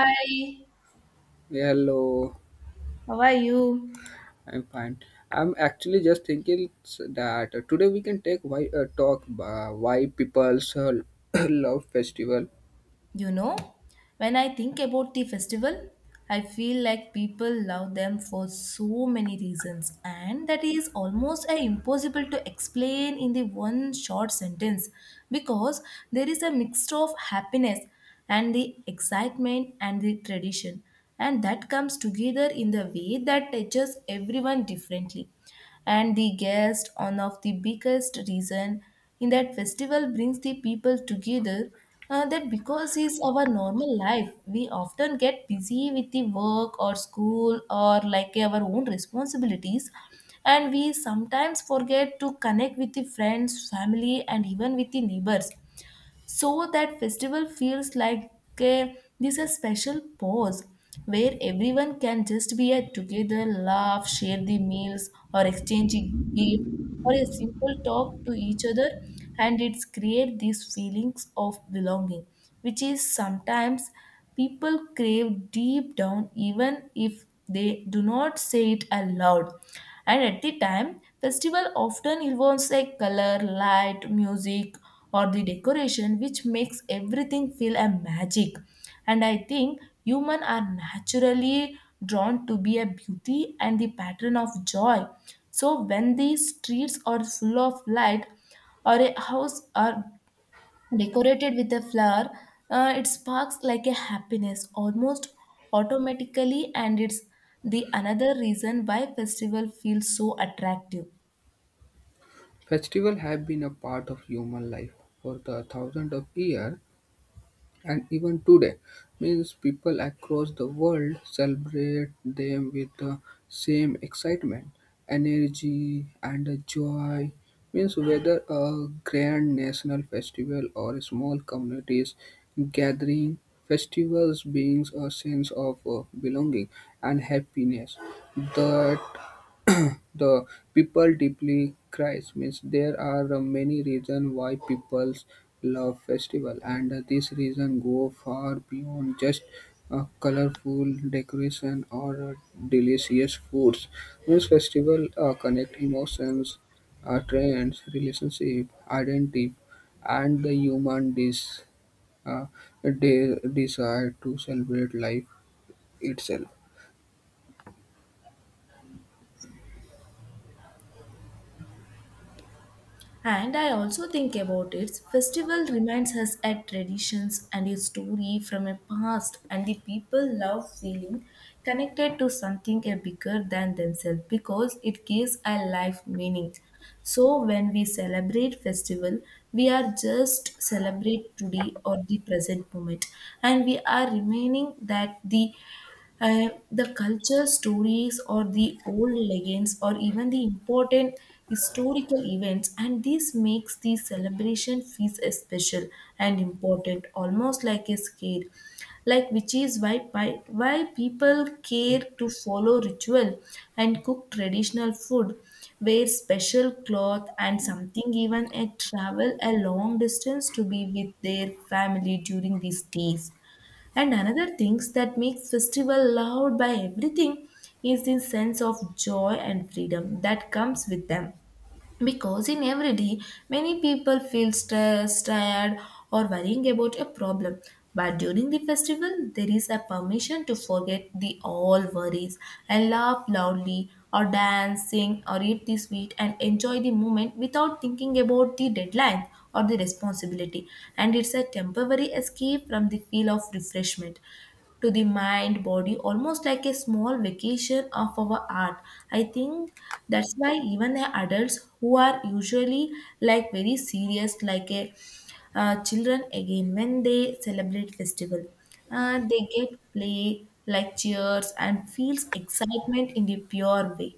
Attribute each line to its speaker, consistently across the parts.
Speaker 1: Hi,
Speaker 2: Yeah, hello,
Speaker 1: how are you?
Speaker 2: I'm fine. I'm actually just thinking that today we can take why people's love festival.
Speaker 1: You know, when I think about the festival, I feel like people love them for so many reasons, and that is almost impossible to explain in the one short sentence because there is a mixture of happiness and the excitement and the tradition, and that comes together in the way that touches everyone differently. And the guest one of the biggest reason in that festival brings the people together, that because is our normal life we often get busy with the work or school or like our own responsibilities, and we sometimes forget to connect with the friends family and even with the neighbors. So that festival feels like this a special pause where everyone can just be at together laugh share the meals or exchange a gift or a simple talk to each other, and it's create these feelings of belonging, which is sometimes people crave deep down, even if they do not say it aloud. And at the time, festival often involves a color, light, music, or the decoration, which makes everything feel a magic. And I think humans are naturally drawn to be a beauty and the pattern of joy. So when the streets are full of light, or a house are decorated with a flower, it sparks like a happiness almost automatically, and it's the another reason why festival feels so attractive.
Speaker 2: Festival have been a part of human life for the thousands of years, and even today means people across the world celebrate them with the same excitement energy and joy means whether a grand national festival or small communities gathering festivals brings a sense of belonging and happiness that the people deeply cries means there are many reasons why people love festival and these reasons go far beyond just colorful decoration or delicious foods. This festival connect emotions, trends, relationship, identity, and the uh, desire to celebrate life itself.
Speaker 1: And I also think about it, festival reminds us at traditions and a story from a past, and the people love feeling connected to something a bigger than themselves because it gives a life meaning. So when we celebrate festival, we are just celebrate today or the present moment, and we are remaining that the the culture, stories, or the old legends, or even the important historical events, and this makes the celebration feels special and important, almost like a scare. Like which is why pi- why people care to follow ritual and cook traditional food, wear special cloth, and something even a travel a long distance to be with their family during these days. And another things that makes festival loved by everything is the sense of joy and freedom that comes with them. Because in everyday, many people feel stressed, tired, or worrying about a problem. But during the festival, there is a permission to forget the all worries and laugh loudly, or dance, sing, or eat the sweet and enjoy the moment without thinking about the deadline or the responsibility. And it's a temporary escape from the feel of refreshment to the mind body, almost like a small vacation of our art. I think that's why even the adults who are usually like very serious like a children again when they celebrate festival, they get play like cheers and feels excitement in the pure way.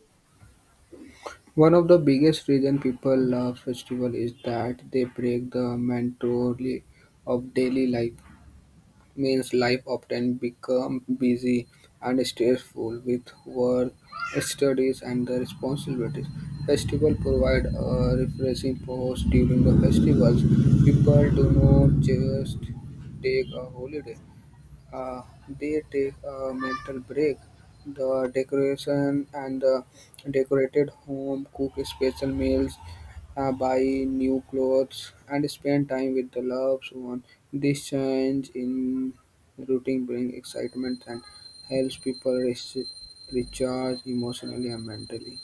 Speaker 2: One of the biggest reason people love festival is that they break the monotony of daily life. Means life often become busy and stressful with work, studies, and the responsibilities. Festival provide a refreshing pause during the festivals. People do not just take a holiday, uh, they take a mental break. The decoration and the decorated home cook special meals, buy new clothes, and spend time with the loved one. This change in routine brings excitement and helps people recharge emotionally and mentally.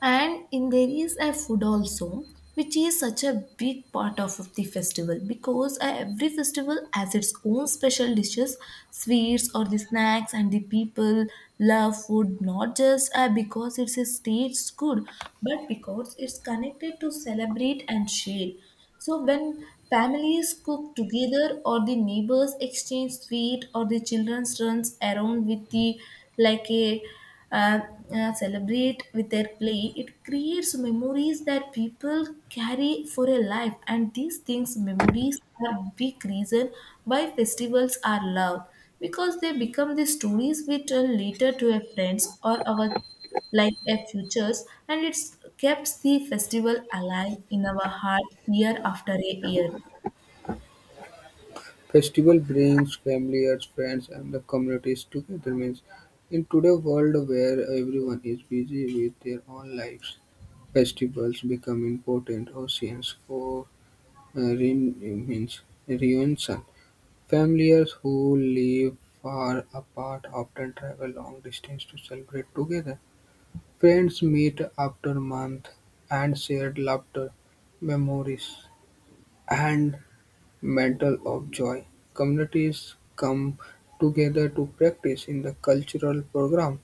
Speaker 1: And in there is a food also, which is such a big part of the festival because every festival has its own special dishes sweets or the snacks, and the people love food not just because it's a staged good, but because it's connected to celebrate and share. So when families cook together or the neighbors exchange sweet or the children runs around with the like a uh, celebrate with their play, it creates memories that people carry for a life. And these things, memories, are big reason why festivals are loved, because they become the stories we tell later to our friends or our like their futures, and it keeps the festival alive in our heart year after a year.
Speaker 2: Festival brings families, friends and the communities together means in today's world where everyone is busy with their own lives, festivals become important oceans for reun- means reunion. Families who live far apart often travel long distance to celebrate together. Friends meet after month and share laughter, memories, and Mantle of Joy. Communities come together to practice in the cultural program,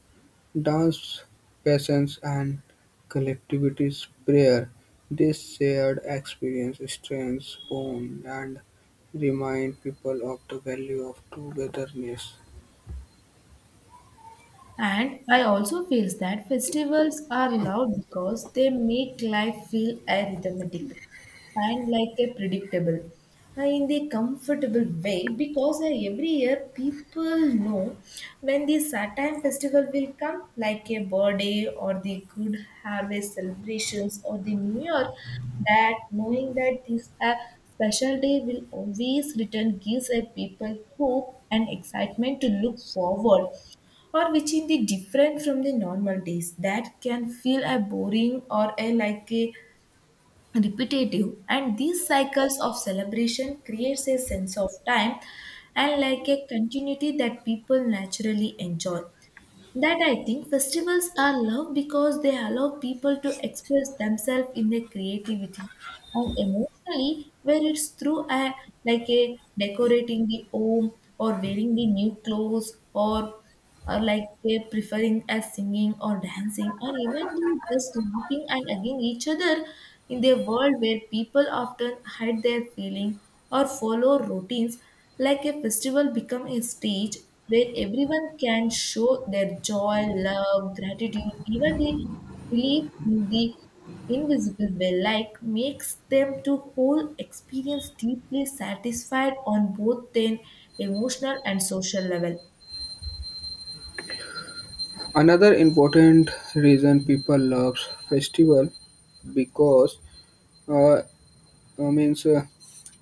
Speaker 2: dance, pageants, and collectivities prayer. This shared experience strengthens bonds and remind people of the value of togetherness.
Speaker 1: And I also feel that festivals are loud because they make life feel arithmetic and like a predictable, in the comfortable way because every year people know when the Saturn festival will come like a birthday or the good harvest celebrations or the new year. That knowing that this special day will always return gives a people hope and excitement to look forward, or which in the different from the normal days that can feel a boring or a like a repetitive, and these cycles of celebration creates a sense of time and like a continuity that people naturally enjoy. That I think festivals are loved because they allow people to express themselves in their creativity and emotionally, where it's through a like a decorating the home or wearing the new clothes or like a preferring a singing or dancing or even the just laughing and again each other. In a world where people often hide their feeling or follow routines, like a festival become a stage where everyone can show their joy, love, gratitude, even the belief in the invisible way, like makes them to whole experience deeply satisfied on both their emotional and social level.
Speaker 2: Another important reason people love festival because uh, means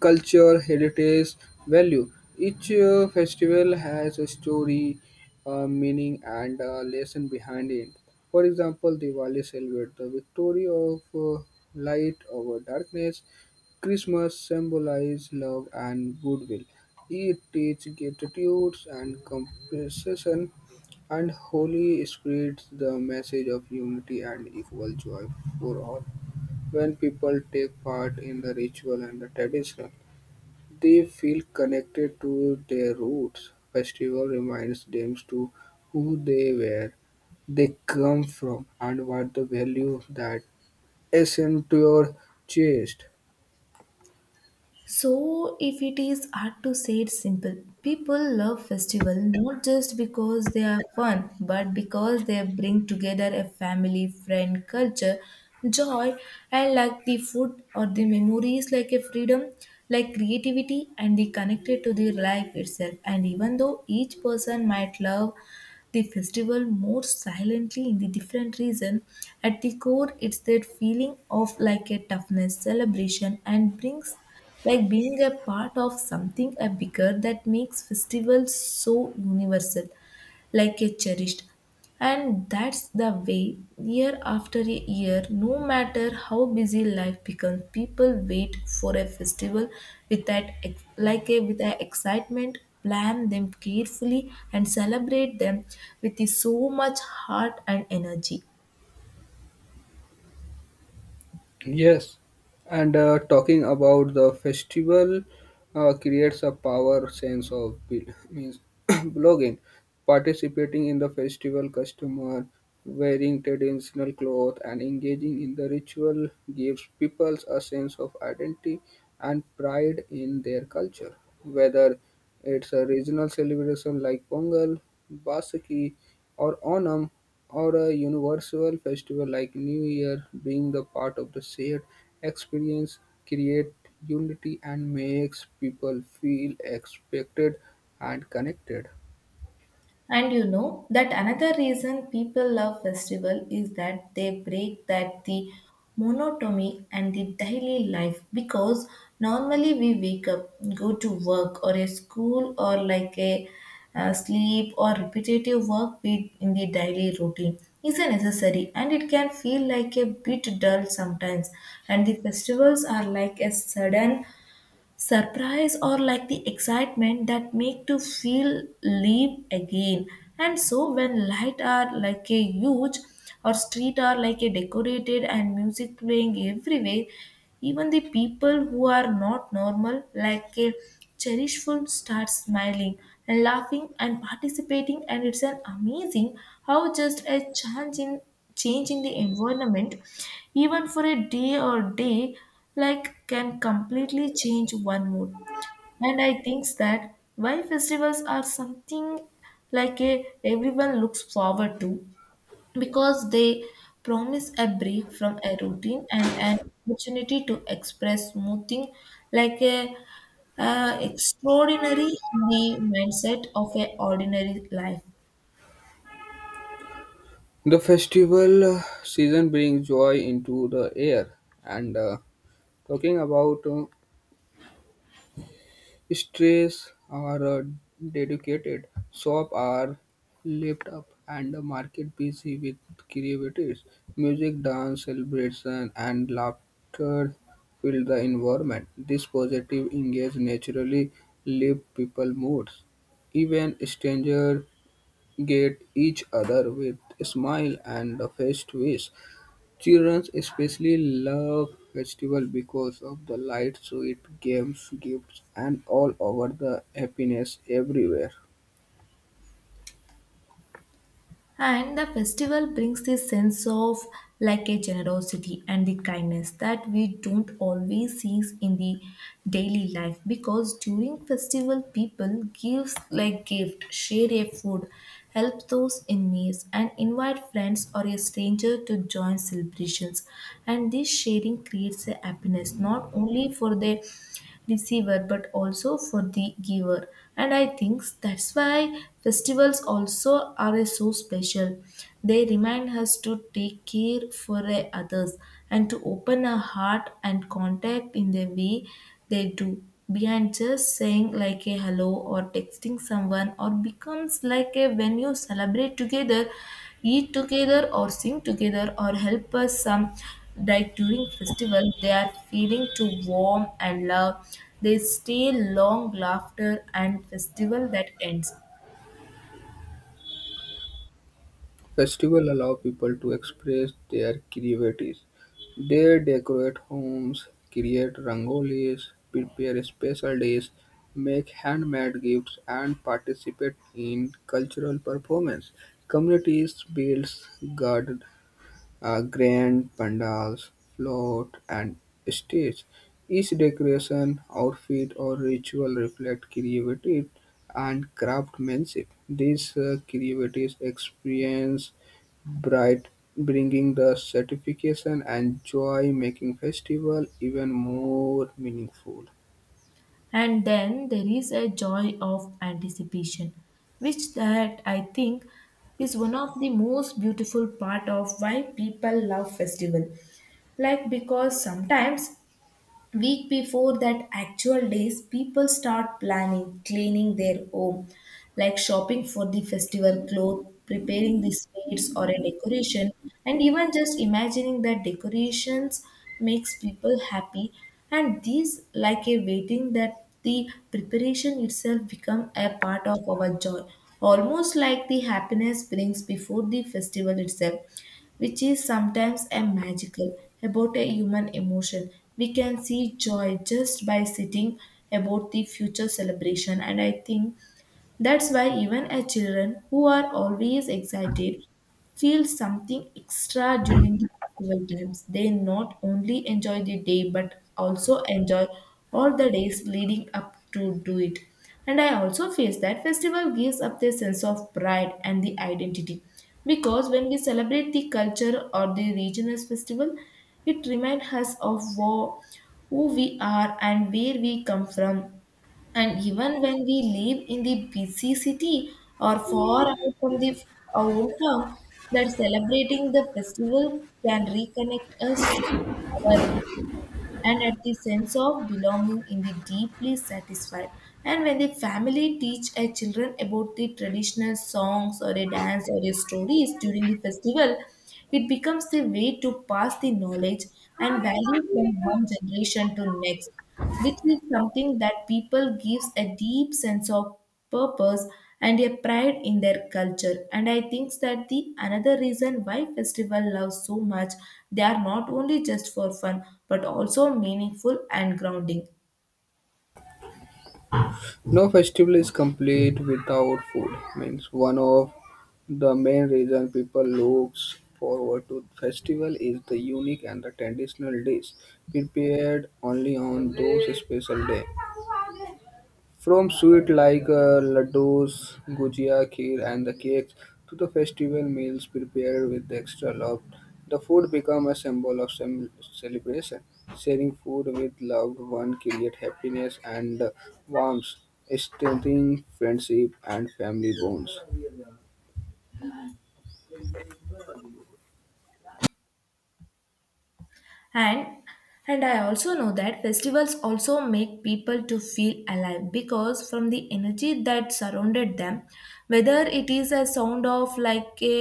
Speaker 2: culture, heritage, value. Each festival has a story, meaning, and a lesson behind it. For example, Diwali celebrates the victory of light over darkness. Christmas symbolizes love and goodwill. It teaches gratitude and compassion, and Holy spreads the message of unity and equal joy for all. When people take part in the ritual and the tradition, they feel connected to their roots. Festival reminds them to who they were, they come from, and what the value that is into your chest.
Speaker 1: So, if it is hard to say it simple, people love festival not just because they are fun, but because they bring together a family, friend, culture, joy, and like the food or the memories, like a freedom, like creativity, and the connected to the life itself. And even though each person might love the festival more silently in the different reason, at the core it's that feeling of like a toughness celebration and brings like being a part of something a bigger that makes festivals so universal like a cherished. And that's the way year after a year, no matter how busy life becomes, people wait for a festival with like a with a excitement, plan them carefully, and celebrate them with so much heart and energy.
Speaker 2: Yes, and talking about the festival creates a power sense of bel- means blogging, participating in the festival customer, wearing traditional clothes and engaging in the ritual gives people a sense of identity and pride in their culture. Whether it's a regional celebration like Pongal, Basaki, or Onam, or a universal festival like New Year being the part of the shared experience create unity and makes people feel expected and connected.
Speaker 1: And you know that another reason people love festival is that they break that the monotony and the daily life because normally we wake up, go to work or a school or like a sleep or repetitive work we in the daily routine is a necessary, and it can feel like a bit dull sometimes. And the festivals are like a sudden surprise or like the excitement that make to feel live again. And so when light are like a huge or street are like a decorated and music playing everywhere, even the people who are not normal like a cherishful start smiling and laughing and participating, and it's an amazing how just a change in the environment, even for a day or day, like can completely change one mood. And I think that why festivals are something like a everyone looks forward to, because they promise a break from a routine and an opportunity to express something like a extraordinary in the mindset of a ordinary life.
Speaker 2: The festival season brings joy into the air and talking about Strays are a dedicated shop are lit up and the market busy with creativities. Music, dance, celebration and laughter fill the environment. This positive engage naturally lift people moods. Even strangers get each other with smile and a face twist. Children especially love festival because of the light, sweet games, gifts, and all over the happiness everywhere.
Speaker 1: And the festival brings this sense of like a generosity and the kindness that we don't always see in the daily life, because during festival people gives like gift, share a food, help those in need and invite friends or a stranger to join celebrations. And this sharing creates a happiness not only for the receiver but also for the giver, and I think that's why festivals also are so special. They remind us to take care for others and to open our heart and contact in the way they do behind just saying like a hello or texting someone, or becomes like a when you celebrate together eat together or sing together or help us some like during festival they are feeling to warm and love, they stay long laughter and festival that ends.
Speaker 2: Festival allow people to express their creativity. They decorate homes, create rangolis, prepare special dishes, make handmade gifts, and participate in cultural performance. Communities build grand pandals, float, and stage. Each decoration, outfit, or ritual reflect creativity and craftsmanship. This creativity experience bright, bringing the satisfaction and joy, making festival even more meaningful.
Speaker 1: And then there is a joy of anticipation, which that I think is one of the most beautiful part of why people love festival, like because sometimes week before that actual days people start planning cleaning their home, like shopping for the festival clothes preparing the sweets or a decoration, and even just imagining that decorations makes people happy. And these like a waiting that the preparation itself become a part of our joy, almost like the happiness brings before the festival itself, which is sometimes a magical about a human emotion. We can see joy just by sitting about the future celebration, and I think that's why even as children who are always excited feel something extra during the festival times. They not only enjoy the day but also enjoy all the days leading up to do it. And I also feel that festival gives up their sense of pride and the identity. Because when we celebrate the culture or the regional festival, it reminds us of who we are and where we come from, and even when we live in the busy city or far away from the our hometown, that celebrating the festival can reconnect us our- and at the sense of belonging in the deeply satisfied. And when the family teach our children about the traditional songs or a dance or a stories during the festival, it becomes the way to pass the knowledge and value from one generation to next, which is something that people gives a deep sense of purpose and a pride in their culture. And I think that the another reason why festival love so much, they are not only just for fun but also meaningful and grounding.
Speaker 2: No festival is complete without food. Means one of the main reason people looks forward to festival is the unique and the traditional dish prepared only on those special day. From sweet like laddus, gujia, kheer, and the cakes to the festival meals prepared with extra love, the food become a symbol of celebration. Sharing food with loved one create happiness and warmth, strengthening friendship and family bonds.
Speaker 1: And and I also know that festivals also make people to feel alive because from the energy that surrounded them, whether it is a sound of like a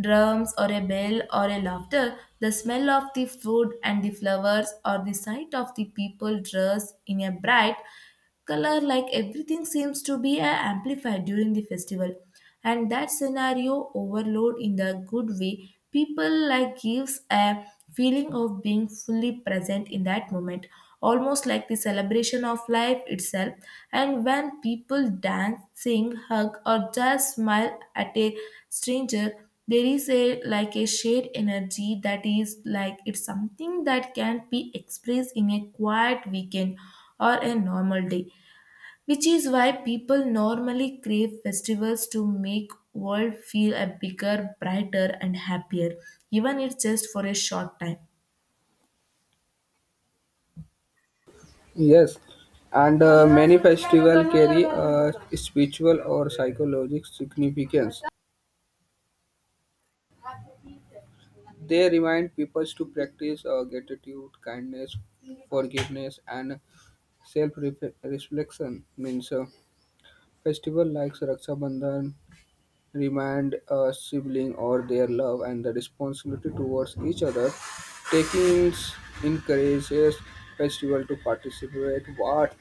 Speaker 1: drums or a bell or a laughter, the smell of the food and the flowers, or the sight of the people dressed in a bright color, like everything seems to be amplified during the festival. And that scenario overload in the good way, people like gives a feeling of being fully present in that moment, almost like the celebration of life itself. And when people dance, sing, hug, or just smile at a stranger, there is a like a shared energy that is like it's something that can be expressed in a quiet weekend or a normal day, which is why people normally crave festivals to make world feel a bigger, brighter and happier, even if just for a short time.
Speaker 2: Yes, and many festivals carry a spiritual or psychological significance. They remind people to practice gratitude, kindness, forgiveness, and self-reflection. Means festival like Raksha Bandhan remind a sibling or their love and the responsibility towards each other. Taking encourages festival to participate what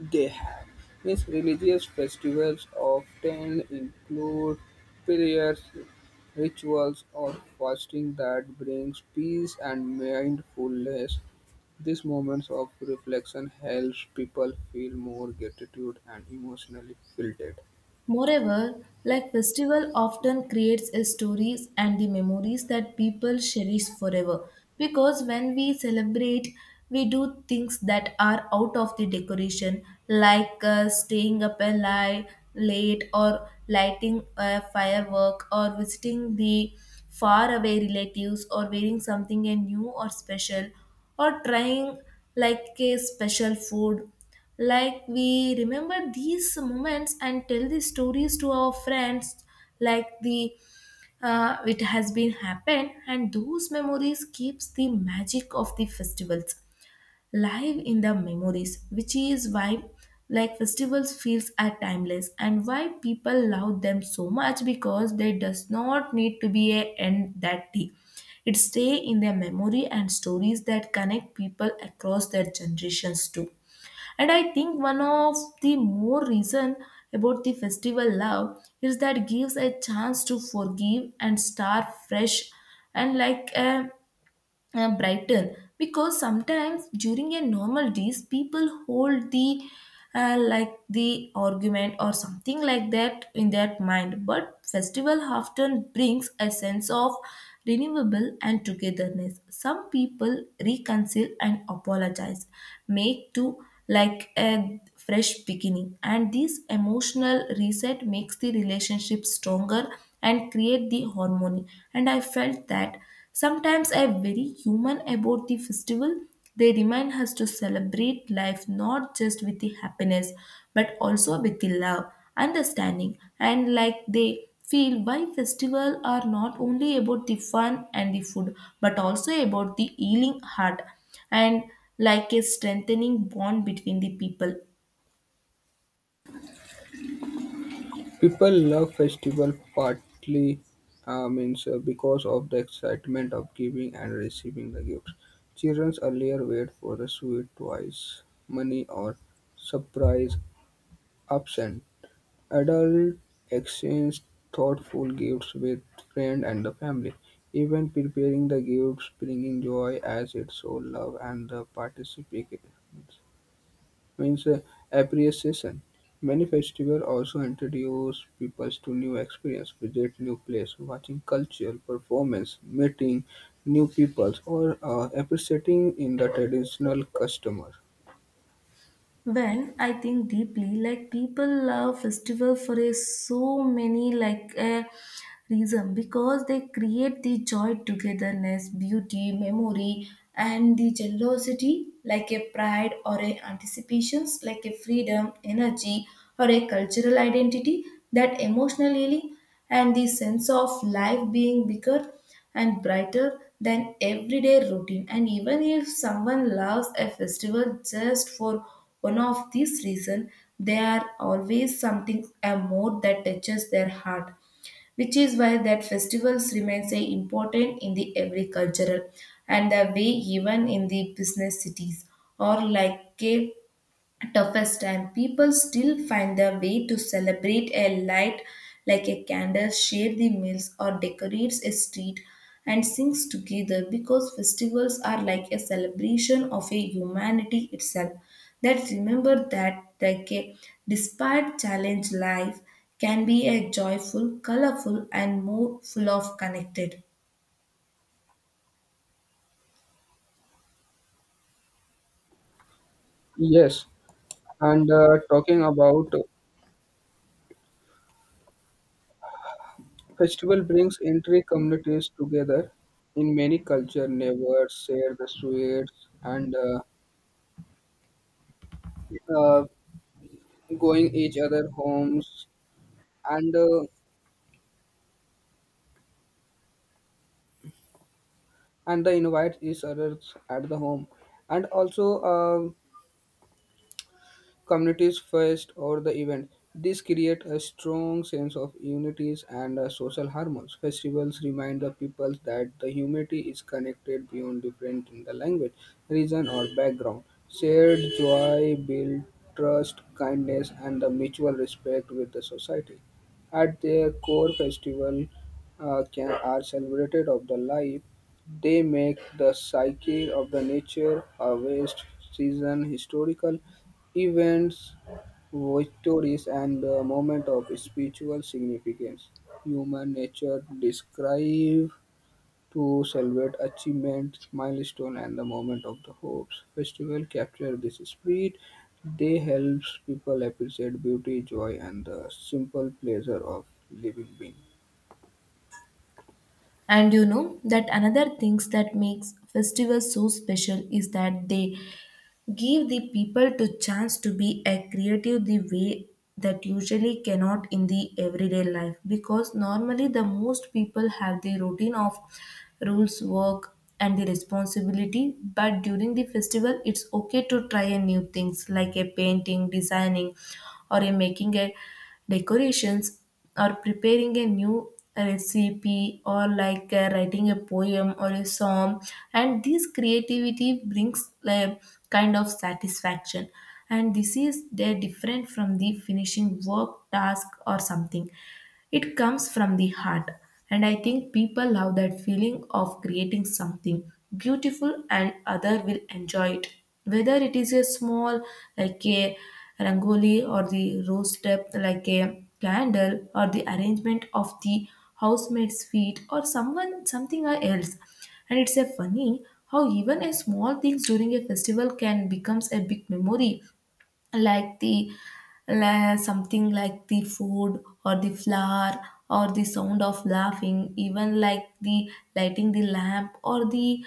Speaker 2: they have. Yes, religious festivals often include prayers, rituals, or fasting that brings peace and mindfulness. These moments of reflection helps people feel more gratitude and emotionally filled.
Speaker 1: Moreover, like festival often creates a stories and the memories that people cherish forever. Because when we celebrate, we do things that are out of the decoration, like staying up a li- late, or lighting a firework, or visiting the far away relatives, or wearing something new or special, or trying like a special food. Like we remember these moments and tell the stories to our friends, like the it has been happened, and those memories keeps the magic of the festivals live in the memories, which is why like festivals feels are timeless and why people love them so much, because they does not need to be a end that day. It stay in their memory and stories that connect people across their generations too. And I think one of the more reason about the festival love is that gives a chance to forgive and start fresh, and like a brighten, because sometimes during a normal days people hold the like the argument or something like that in their mind, but festival often brings a sense of renewable and togetherness. Some people reconcile and apologize, make to like a fresh beginning, and this emotional reset makes the relationship stronger and create the harmony. And I felt that sometimes I am very human about the festival. They remind us to celebrate life not just with the happiness, but also with the love, understanding, and like they feel why festival are not only about the fun and the food, but also about the healing heart and like a strengthening bond between the people.
Speaker 2: People love festival partly, means because of the excitement of giving and receiving the gifts. Children earlier wait for the sweet toys, money, or surprise absent. Adults exchange thoughtful gifts with friends and the family. Even preparing the gifts bringing joy as it shows love and the participation means appreciation. Many festivals also introduce people to new experience, visit new place, watching cultural performance, meeting new peoples, or appreciating in the traditional customer.
Speaker 1: When I think deeply, like people love festival for a so many like a reason, because they create the joy, togetherness, beauty, memory, and the generosity, like a pride or a anticipations, like a freedom, energy, or a cultural identity that emotionally and the sense of life being bigger and brighter than everyday routine. And even if someone loves a festival just for one of these reasons, they are always something a more that touches their heart, which is why that festivals remain say important in the every cultural and the way, even in the business cities or like cave toughest time, people still find their way to celebrate a light like a candle, share the meals, or decorates a street and sings together because festivals are like a celebration of a humanity itself. That remember that like a despite challenge life can be a joyful, colorful, and more full of connected.
Speaker 2: Yes, and talking about festival brings entry communities together. In many culture, neighbors share the sweets and uh, going each other homes and uh, and they invite each other at the home and also communities first or the event. This create a strong sense of unities and social harmony. Festivals remind the people that the humanity is connected beyond different in the language, region or background. Shared joy build trust, kindness and the mutual respect with the society. At their core festival can are celebrated of the life they make the psyche of the nature, harvest, season, historical, events, victories, and the moment of spiritual significance. Human nature describe to celebrate achievements, milestone, and the moment of the hopes. Festival capture this spirit. They helps people appreciate beauty, joy, and the simple pleasure of living being.
Speaker 1: And you know that another things that makes festivals so special is that they give the people to chance to be a creative the way that usually cannot in the everyday life, because normally the most people have the routine of rules work and the responsibility, but during the festival it's okay to try a new things, like a painting, designing, or a making a decorations, or preparing a new recipe, or like writing a poem or a song. And this creativity brings a kind of satisfaction, and this is they different from the finishing work task or something, it comes from the heart. And I think people love that feeling of creating something beautiful and other will enjoy it, whether it is a small like a rangoli or the rose step, like a candle or the arrangement of the housemaid's feet, or someone something else. And it's a funny how even a small things during a festival can becomes a big memory, like the something like the food or the flower, or the sound of laughing, even like the lighting the lamp, or the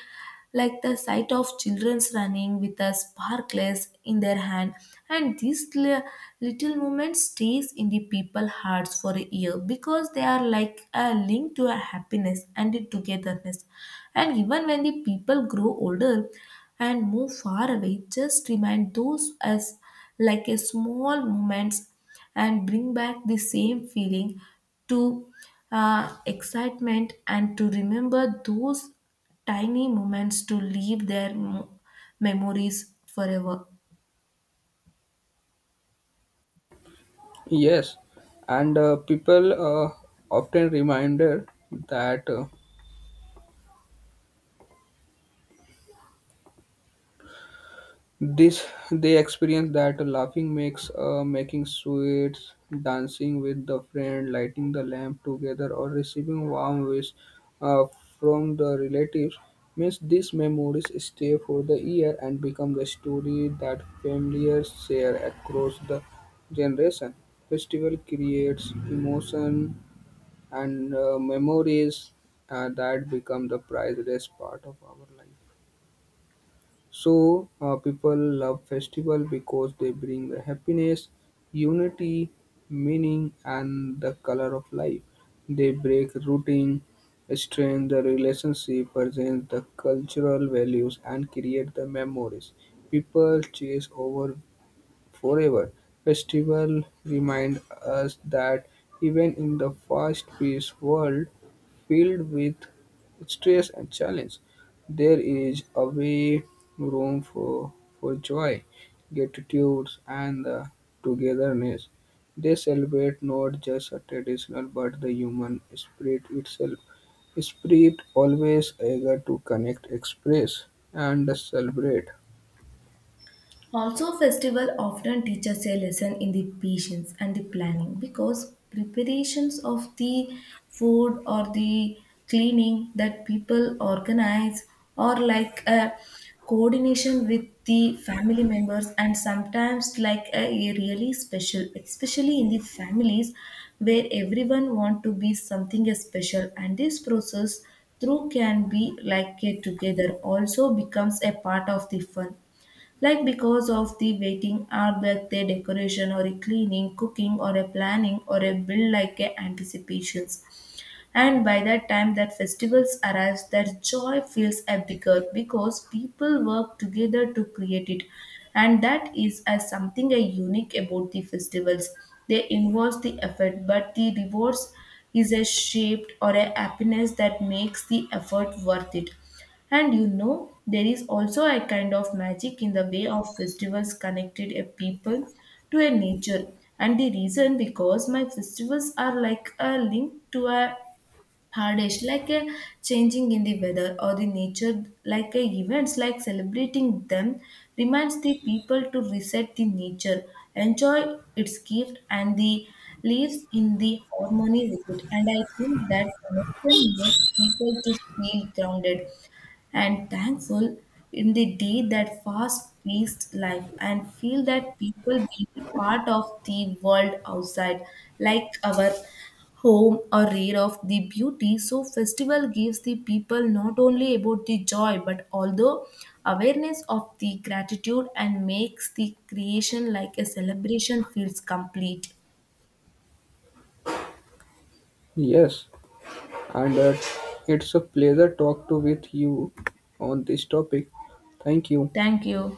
Speaker 1: like the sight of children's running with a sparkless in their hand. And little moment stays in the people hearts for a year, because they are like a link to a happiness and the togetherness. And even when the people grow older and move far away, just remind those as like a small moments and bring back the same feeling to excitement, and to remember those tiny moments to leave their memories forever.
Speaker 2: Yes, and people often reminded that. This they experience that laughing makes making sweets, dancing with the friend, lighting the lamp together, or receiving warm wish uh, from the relatives means these memories stay for the year and become the story that families share across the generation. Festival creates emotion and memories that become the priceless part of our life. So people love festival because they bring the happiness, unity, meaning, and the color of life. They break routine, strengthen the relationship, present the cultural values, and create the memories. People chase over forever. Festival remind us that even in the fast-paced world filled with stress and challenge, there is a way room for joy, gratitude, and the togetherness. They celebrate not just a traditional but the human spirit itself. Spirit always eager to connect, express, and celebrate.
Speaker 1: Also, festival often teach us a lesson in the patience and the planning, because preparations of the food or the cleaning that people organize, or like a coordination with the family members, and sometimes like a really special especially in the families where everyone want to be something is special, and this process through can be like a together also becomes a part of the fun, like because of the waiting or birthday decoration, or a cleaning, cooking, or a planning, or a build like a anticipations. And by that time that festivals arrives, that joy feels a bigger because people work together to create it. And that is as something a unique about the festivals, they involve the effort, but the rewards is a shaped or a happiness that makes the effort worth it. And you know, there is also a kind of magic in the way of festivals connected a people to a nature. And the reason because my festivals are like a link to a hardest, like a changing in the weather or the nature, like a events, like celebrating them, reminds the people to reset the nature, enjoy its gift, and the lives in the harmony with it. And I think that connection makes people to feel grounded and thankful in the day that fast-paced life, and feel that people be a part of the world outside, like our home or rare of the beauty. So festival gives the people not only about the joy but also awareness of the gratitude and makes the creation like a celebration feels complete.
Speaker 2: Yes, and it's a pleasure talk to with you on this topic. Thank you.
Speaker 1: Thank you.